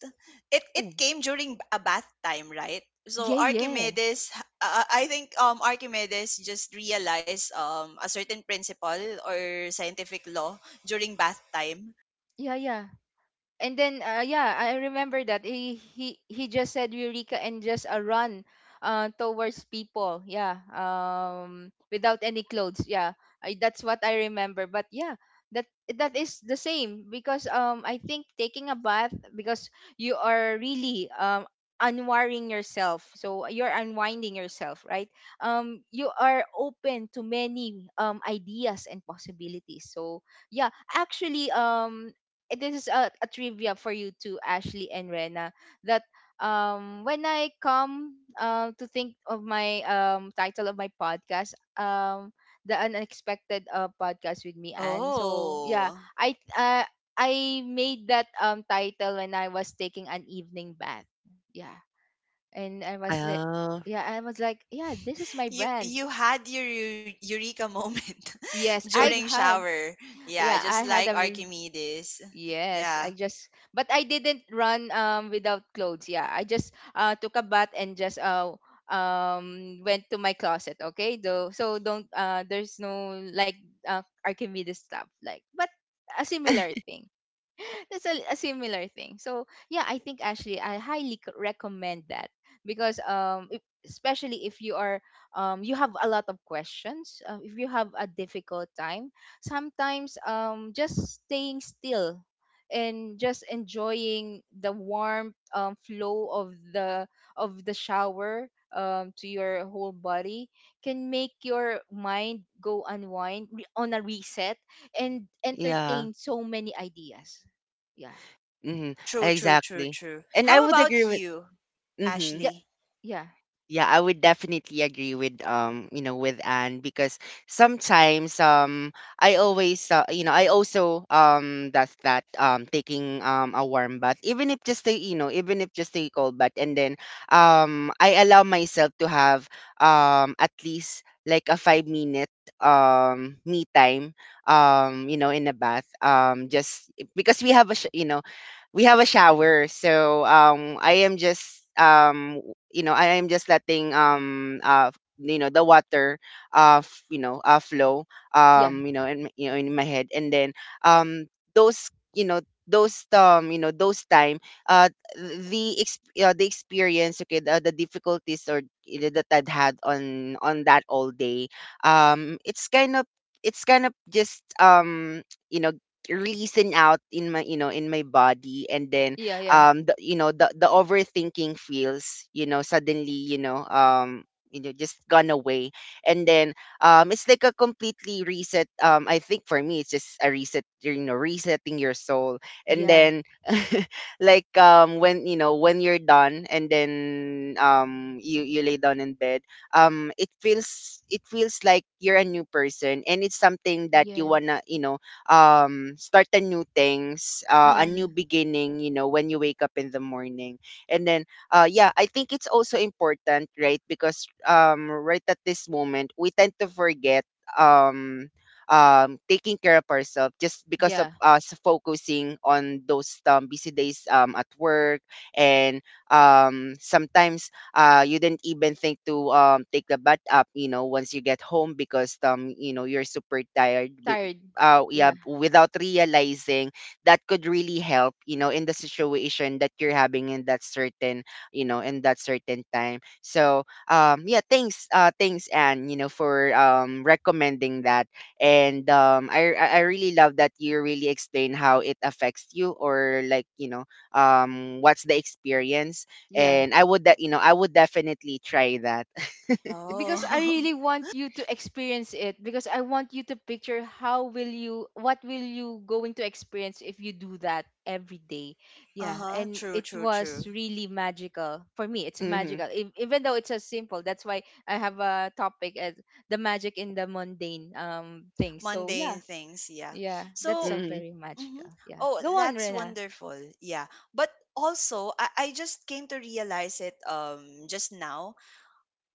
It Oh. it came during a bath time, right? So Yeah, yeah. Archimedes, I think Archimedes just realized a certain principle or scientific law during bath time. Yeah, yeah. And then yeah, I remember that he just said eureka and just a run towards people. Yeah. Without any clothes. Yeah. That's what I remember, but yeah, that, that is the same because I think taking a bath, because you are really, unwiring yourself. So you're unwinding yourself, right? You are open to many ideas and possibilities. So yeah, actually, this is a trivia for you too, Ashley and Rena, that when I come to think of my title of my podcast, the Unexpected Podcast with me, Anne. So yeah, Oh, I uh, I made that title when I was taking an evening bath. Yeah. And I was, Oh, yeah, I was like, yeah, this is my you brand. you had your eureka moment Yes, I during had, shower. Yeah, yeah, just I had like a re- Archimedes. yes, Yeah, I just, but I didn't run without clothes. Yeah, I just took a bath and just went to my closet. Okay, though, so don't there's no like Archimedes stuff like, but a similar thing. That's a similar thing. So yeah, I think actually I highly recommend that, because if, especially if you are, you have a lot of questions, if you have a difficult time, sometimes just staying still and just enjoying the warm, flow of the, of the shower, to your whole body can make your mind go unwind, on a reset, and yeah. entertain so many ideas. Yeah, hmm true, true, true, Exactly. true. And I How would agree about with. you, hmm yeah, Ashley? yeah, Yeah, I would definitely agree with with Anne because sometimes I always I also does that taking a warm bath even if just a even if just a cold bath and then I allow myself to have at least like a 5 minute me time in a bath just because we have a we have a shower so I am just I am just letting the water flow in my head and then um those those those time uh the experience, okay, the difficulties or that I'd had on that all day. It's kind of it's kind of just you know releasing out in my in my body. And then yeah, yeah, yeah, the overthinking feels suddenly just gone away. And then it's like a completely reset. I think for me it's just a reset, resetting your soul. And yeah, then like when when you're done and then you you lay down in bed. It feels it feels like you're a new person, and it's something that you yes, wanna start a new things, a new yeah, beginning, you know, when you wake up in the morning. And then, yeah, I think it's also important, right? Because right at this moment, we tend to forget um, taking care of ourselves just because of yeah, us focusing on those busy days at work. And sometimes you didn't even think to take the bath up, you know, once you get home because, you know, you're super tired. tired, Yeah, yeah, without realizing that could really help, you know, in the situation that you're having in that certain, you know, in that certain time. So, yeah, thanks, thanks, Anne, you know, for recommending that, and um, I really love that you really explain how it affects you, or like, you know, what's the experience, yeah, and I would that you know I would definitely try that. because I Oh. really want you to experience it, because I want you to picture how will you, what will you going to experience if you do that every day. Yeah, Uh-huh. and True, it true, was true. really magical. For me, it's Mm-hmm, magical. Even though it's a simple, that's why I have a topic as the magic in the mundane things. So Mundane yeah, things, yeah. yeah, that's So, a mm-hmm, very mhm. magical. Yeah. Oh, Go on, that's Rena. wonderful. Yeah. But also, I just came to realize it just now.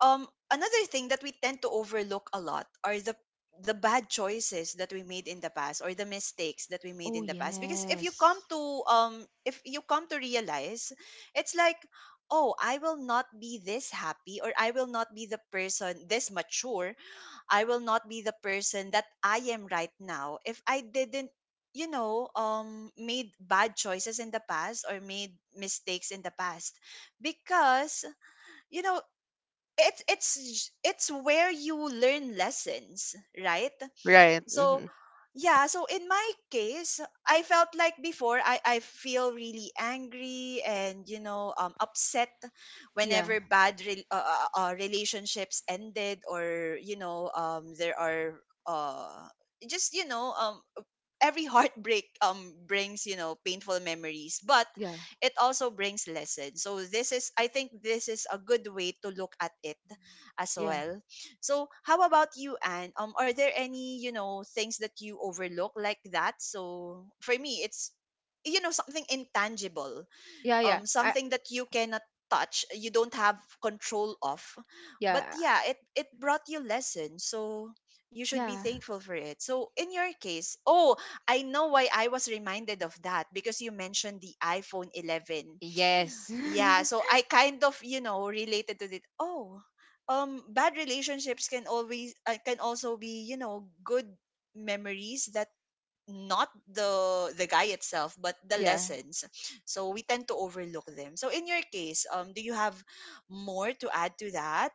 Um, another thing that we tend to overlook a lot are the bad choices that we made in the past, or the mistakes that we made Oh in the past, because if you come yes. to if you come to realize, it's like, oh, I will not be this happy or I will not be the person this mature. I will not be the person that I am right now if I didn't made bad choices in the past or made mistakes in the past, because you know, it's it's where you learn lessons, right? right. So, Mm-hmm, yeah, so in my case, I felt like before I feel really angry and, you know, upset Yeah. whenever bad relationships ended, or, you know, there are just, you know, um, every heartbreak brings you know painful memories, but Yeah. it also brings lessons. So this, is I think, this is a good way to look at it as Yeah. well. So how about you, Anne? Are there any, you know, things that you overlook like that? So for me, it's you know, something intangible, Yeah, yeah. I, something that you cannot touch, you don't have control of. But yeah. yeah, it brought you lessons, so you should be Yeah. thankful for it. So in your case, oh, I know why I was reminded of that, because you mentioned the iPhone 11. Yes. Yeah, so I kind of you know related to it. Oh, Bad relationships can always can also be good memories that not the guy itself but the Yeah. lessons, so we tend to overlook them. So in your case, do you have more to add to that?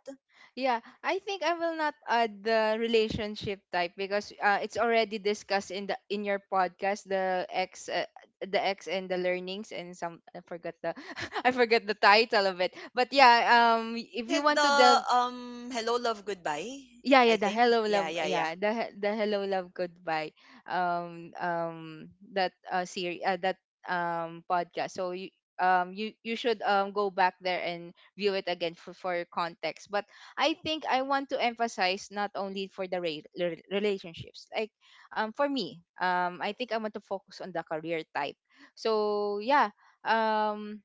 Yeah. I think I will not add the relationship type, because it's already discussed in the, in your podcast, the X and the learnings, and some I forgot the I forgot the title of it. But yeah, Is if you it want to the delve, Hello Love Goodbye? yeah, I yeah, the think hello yeah, love, yeah, yeah. yeah, the the Hello Love Goodbye, um um that series, that podcast. So you, you should go back there and view it again for context. But I think I want to emphasize not only for the relationships, like, for me, I think I want to focus on the career type. So yeah, um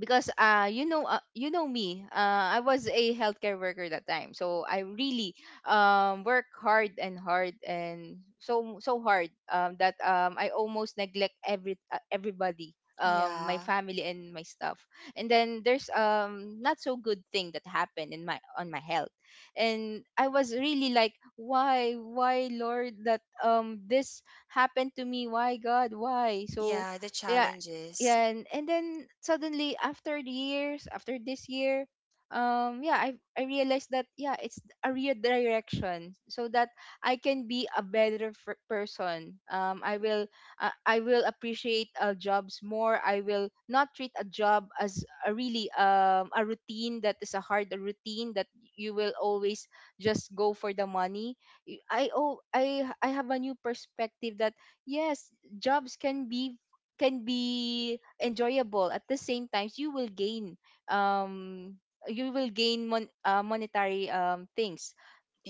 because you know, you know me, I was a healthcare worker that time, so I really work hard and hard and so so hard, that I almost neglect every everybody, my Yeah, family and my stuff. And then there's not so good thing that happened in my, on my health. And I was really like, why, Lord, that this happened to me, why, God, why? So yeah, the yeah, challenges. yeah, and then suddenly after the years, after this year, yeah, I realized that, yeah, it's a redirection, so that I can be a better person. I will, I will appreciate, jobs more. I will not treat a job as a really a routine, that is a hard routine that you will always just go for the money. Y- I oh I have a new perspective that, yes, jobs can be, can be enjoyable. At the same time, you will gain, um you will gain monetary things.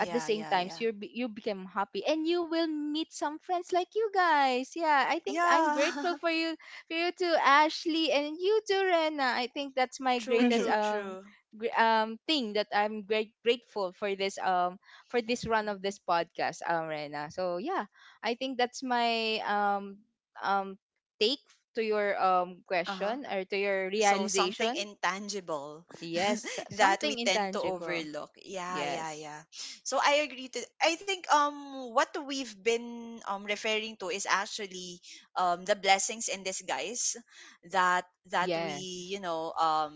At the same yeah, yeah, times, you become happy, and you will meet some friends like you guys. Yeah, I think I'm yeah. grateful for you, for you too, Ashley, and you too, Rena. I think that's my True, greatest true, mm-hmm, true. Thing that I'm great grateful for, this for this run of Mhm. this podcast, Rena. So yeah, I think that's my um take to your Uh-huh. question or to your So something realization. intangible. Yes, That something we tend to intangible. overlook. Yeah, yeah, Yes. yeah. So I agree to, I think what we've been referring to is actually the blessings in disguise that Yes. we, you know,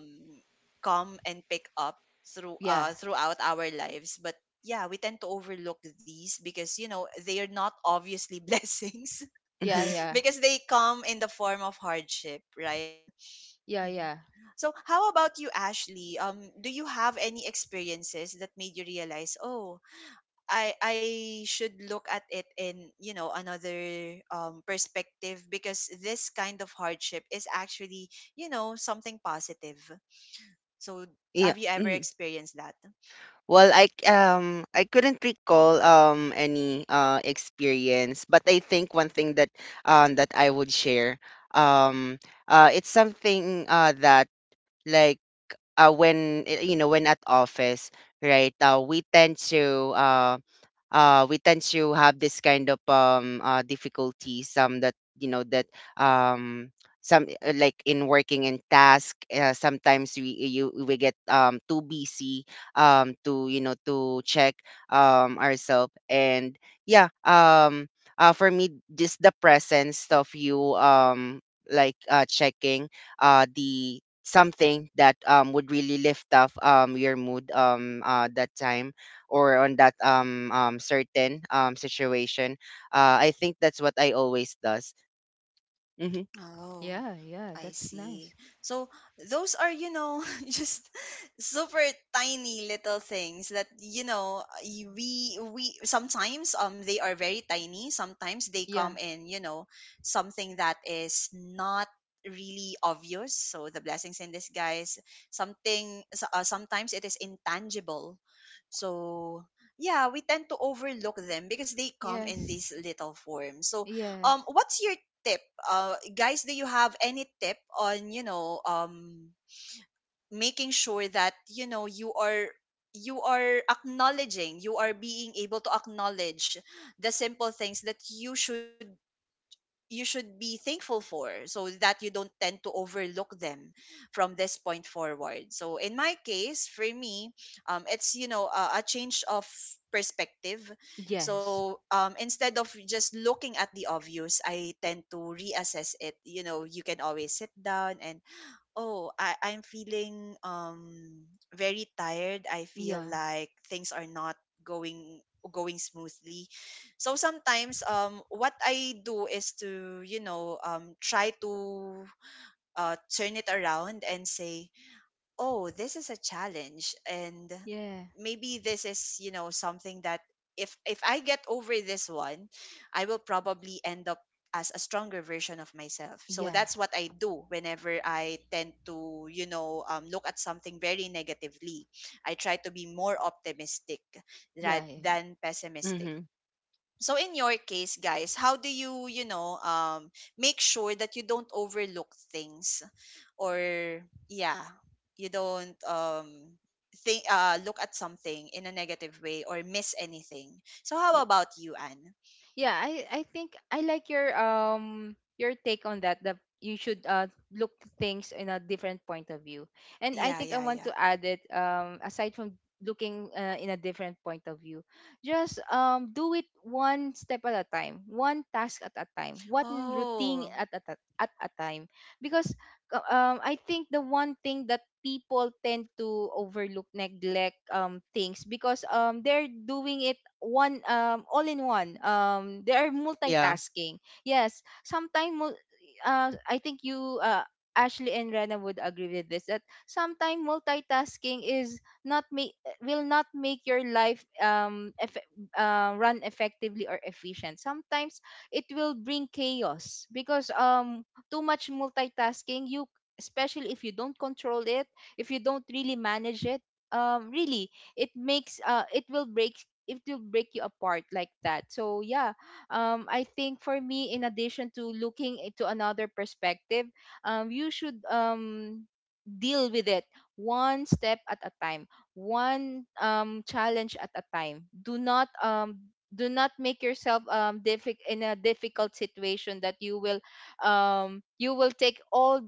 come and pick up through Yeah. uh throughout our lives. But yeah, we tend to overlook these because you know they are not obviously blessings, Yeah, mm-hmm, yeah, because they come in the form of hardship, right? yeah, Mhm. yeah, So, how about you, Ashley? Do you have any experiences that made you realize, oh, I should look at it in, you know, another perspective, because this kind of hardship is actually, you know, something positive. So, yeah. have you ever Mhm. experienced that? Well, I couldn't recall any experience, but I think one thing that that I would share, um it's something that, like, when, when at office, right, we tend to have this kind of difficulties, some that you know that um, some like in working in task, sometimes we get too busy to you know to check ourselves and yeah, for me just the presence of you, like, checking the something that would really lift up your mood that time or on that certain situation. I think that's what I always does. Mm-hmm. Oh, yeah, yeah. I That's see. nice. So those are, you know, just super tiny little things that, you know, we sometimes they are very tiny. Sometimes they Yeah. come in, you know, something that is not really obvious. So the blessings in disguise, sometimes it is intangible. So yeah, we tend to overlook them because they come in Yes. these little forms. So Yes. what's your tip, guys? Do you have any tip on, you know, making sure that, you know, you are, you are acknowledging, you are being able to acknowledge the simple things that you should, you should be thankful for, so that you don't tend to overlook them from this point forward? So in my case, for me, it's, you know, a change of perspective. Yes. So instead of just looking at the obvious, I tend to reassess it. You know, you can always sit down and, oh, I'm feeling very tired, I feel Yeah. like things are not going going smoothly. So sometimes what I do is to, you know, try to turn it around and say, oh, this is a challenge and Yeah. maybe this is, you know, something that if I get over this one, I will probably end up as a stronger version of myself. So Yeah. that's what I do whenever I tend to, you know, look at something very negatively. I try to be more optimistic Yeah. Yeah. than pessimistic. Mm-hmm. So in your case, guys, how do you, you know, make sure that you don't overlook things, or yeah, you don't think look at something in a negative way or miss anything? So how about you, Anne? Yeah, I think I like your take on that, that you should look to things in a different point of view. And I Yeah, think I yeah, want yeah. to add it, aside from looking, in a different point of view, just do it one step at a time, one task at a time, one routine Oh, at a, at a time. Because I think the one thing that people tend to overlook, neglect things, because they're doing it one, all in one. They are Yeah. multitasking. Yes, sometimes I think you, Ashley and Rena would agree with this, that sometimes multitasking is, not make will not make your life run effectively or efficient. Sometimes it will bring chaos, because too much multitasking, you, especially if you don't control it, if you don't really manage it, really, it will break, it will break you apart like that. So yeah, I think for me, in addition to looking into another perspective, you should deal with it one step at a time, one challenge at a time. Do not do not make yourself in a difficult situation that you will take all,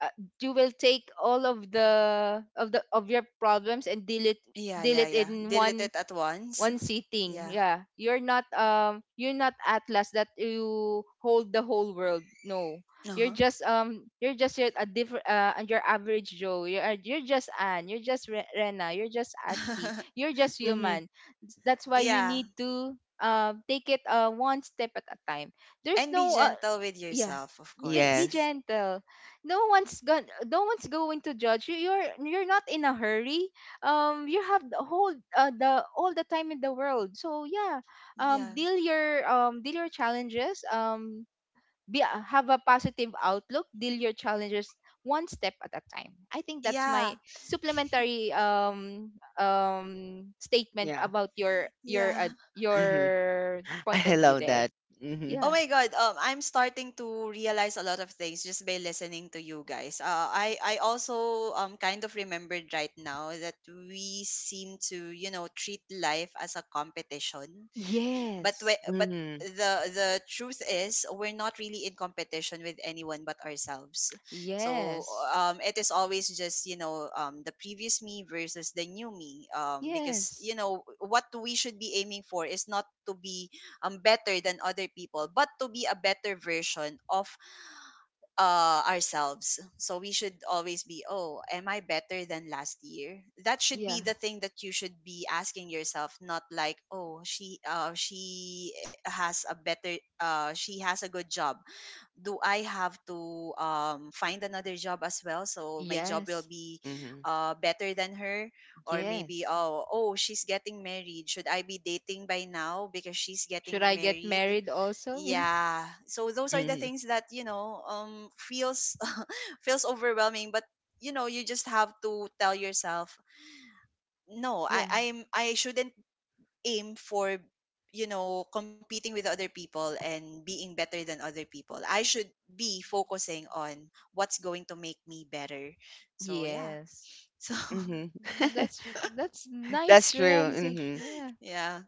uh, you will take all of the, of the, of your problems and deal it, yeah, deal yeah, it yeah, in delete one, it at once. one sitting. Yeah. Yeah, you're not Atlas, that you hold the whole world. No, you're Uh-huh. just you're just, you're a different your average Joe. You're just Anne, you're just Rena, you're just Ashley, you're just Mm-hmm. human. That's why you Yeah. need to take it, one step at a time. There's And be no gentle with yeah, yourself, of course. be Yes. gentle. No one's going to judge you. You're not in a hurry. You have the whole, the all the time in the world. So yeah, Yeah, deal your challenges, be, have a positive outlook, deal your challenges one step at a time. I think that's yeah, my supplementary statement Yeah. about your, yeah. Mm-hmm. your point I of view love there. that. Mm-hmm. Oh Yeah. my god, I'm starting to realize a lot of things just by listening to you guys. I also kind of remembered right now that we seem to, you know, treat life as a competition, but we, Yes. but Mm-hmm. the truth is we're not really in competition with anyone but ourselves. So Yes. It is always just, you know, the previous me versus the new me, because Yes. you know what we should be aiming for is not to be better than other people, but to be a better version of ourselves. So we should always be, oh, am I better than last year? That should Yeah. be the thing that you should be asking yourself, not like, oh, she has a better she has a good job. Do I have to, find another job as well? So my job will Yes. be, Mm-hmm. Better than her, or maybe, Yes. oh she's getting married. Should I be dating by now because she's getting Should I get married? married also? Yeah, so those are the Mm-hmm. things that, you know, um, feels feels overwhelming. But you know you just have to tell yourself, no, i Yeah. i'm i shouldn't aim for, you know, competing with other people and being better than other people. I should be focusing on what's going to make me better. So yeah. Yeah. Yes. So Mm-hmm. Mm, that's That's nice true. realization. Mm-hmm. Yeah. yeah,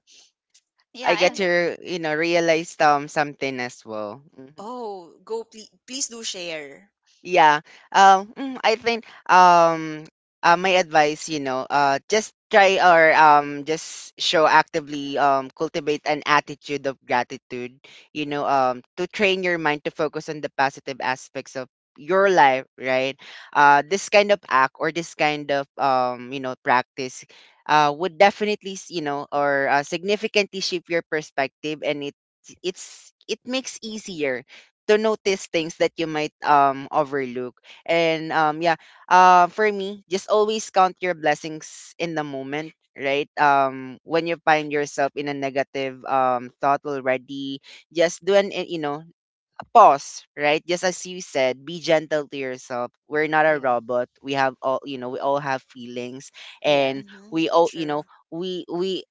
yeah, I get Yeah. and to, you know, realize something as well. Mm. oh, go, please, please do share. Yeah. I think my advice, you know, just try or just show actively cultivate an attitude of gratitude, you know, to train your mind to focus on the positive aspects of your life, right? This kind of act or this kind of practice would definitely, s- you know, or significantly shape your perspective, and it makes easier to notice things that you might overlook. And yeah, for me, just always count your blessings in the moment, right? When you find yourself in a negative thought already, just do you know, a pause, right? Just as you said, be gentle to yourself. We're not a Yeah. robot. We have all, you know, we all have feelings, Yeah. and we Hmm, all, you true. know, we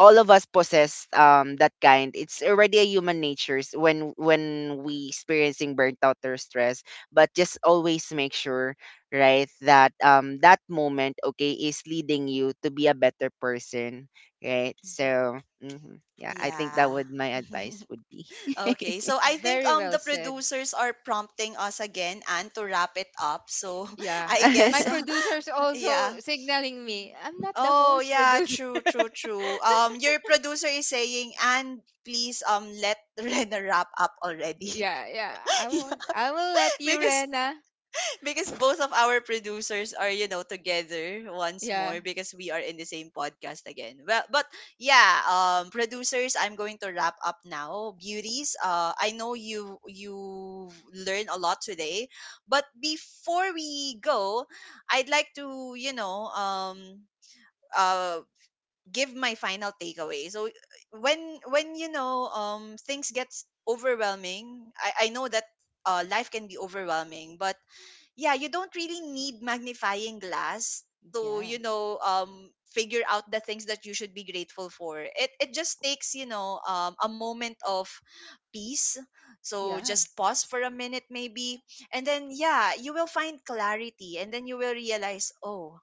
all of us possess that kind it's already a human natures when we experiencing burnt out or stress, but just always make sure, right, that that moment, okay, is leading you to be a better person, right? Hmm. So mhm. Yeah, I think Yeah. that would my advice would be. Okay, so I think Very the well said. producers are prompting us again and to wrap it up. So Yeah. I My guess producer's also yeah. signaling me. I'm not the Oh host yeah, producer. true, true, true. Your producer is saying, and please let Rena wrap up already. Yeah, yeah. I won't I will let you, because Rena. because both of our producers are, you know, together once Yeah. more because we are in the same podcast again. Well, but yeah, producers, I'm going to wrap up now, beauties. Uh, I know you, you learned a lot today, but before we go, I'd like to, you know, uh give my final takeaway. So when when, you know, things gets overwhelming, I know that, life can be overwhelming. But yeah, you don't really need magnifying glass to, Yeah. you know, figure out the things that you should be grateful for. It just takes, you know, a moment of peace. So Yeah. just pause for a minute maybe. And then yeah, you will find clarity and then you will realize, oh,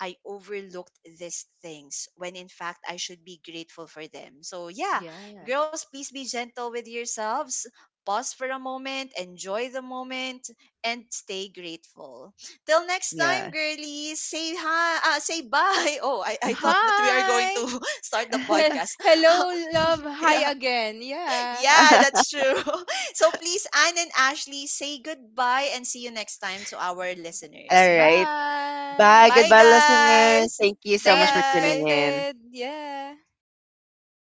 I overlooked these things when in fact I should be grateful for them. So, yeah, Yeah. girls, please be gentle with yourselves. Pause for a moment, enjoy the moment, and stay grateful. Till next time, Yeah. girlies, say hi, say bye. Oh, I thought that we are going Hi. to start the He- podcast. Hello, love. Hi Yeah, again. Yeah. yeah, that's true. So please, Anne and Ashley, say goodbye and see you next time to our All listeners. right. Bye, Bye, Bye. goodbye listeners, guys. thank you so Stay much for tuning Bye. in. unexpected. Yeah.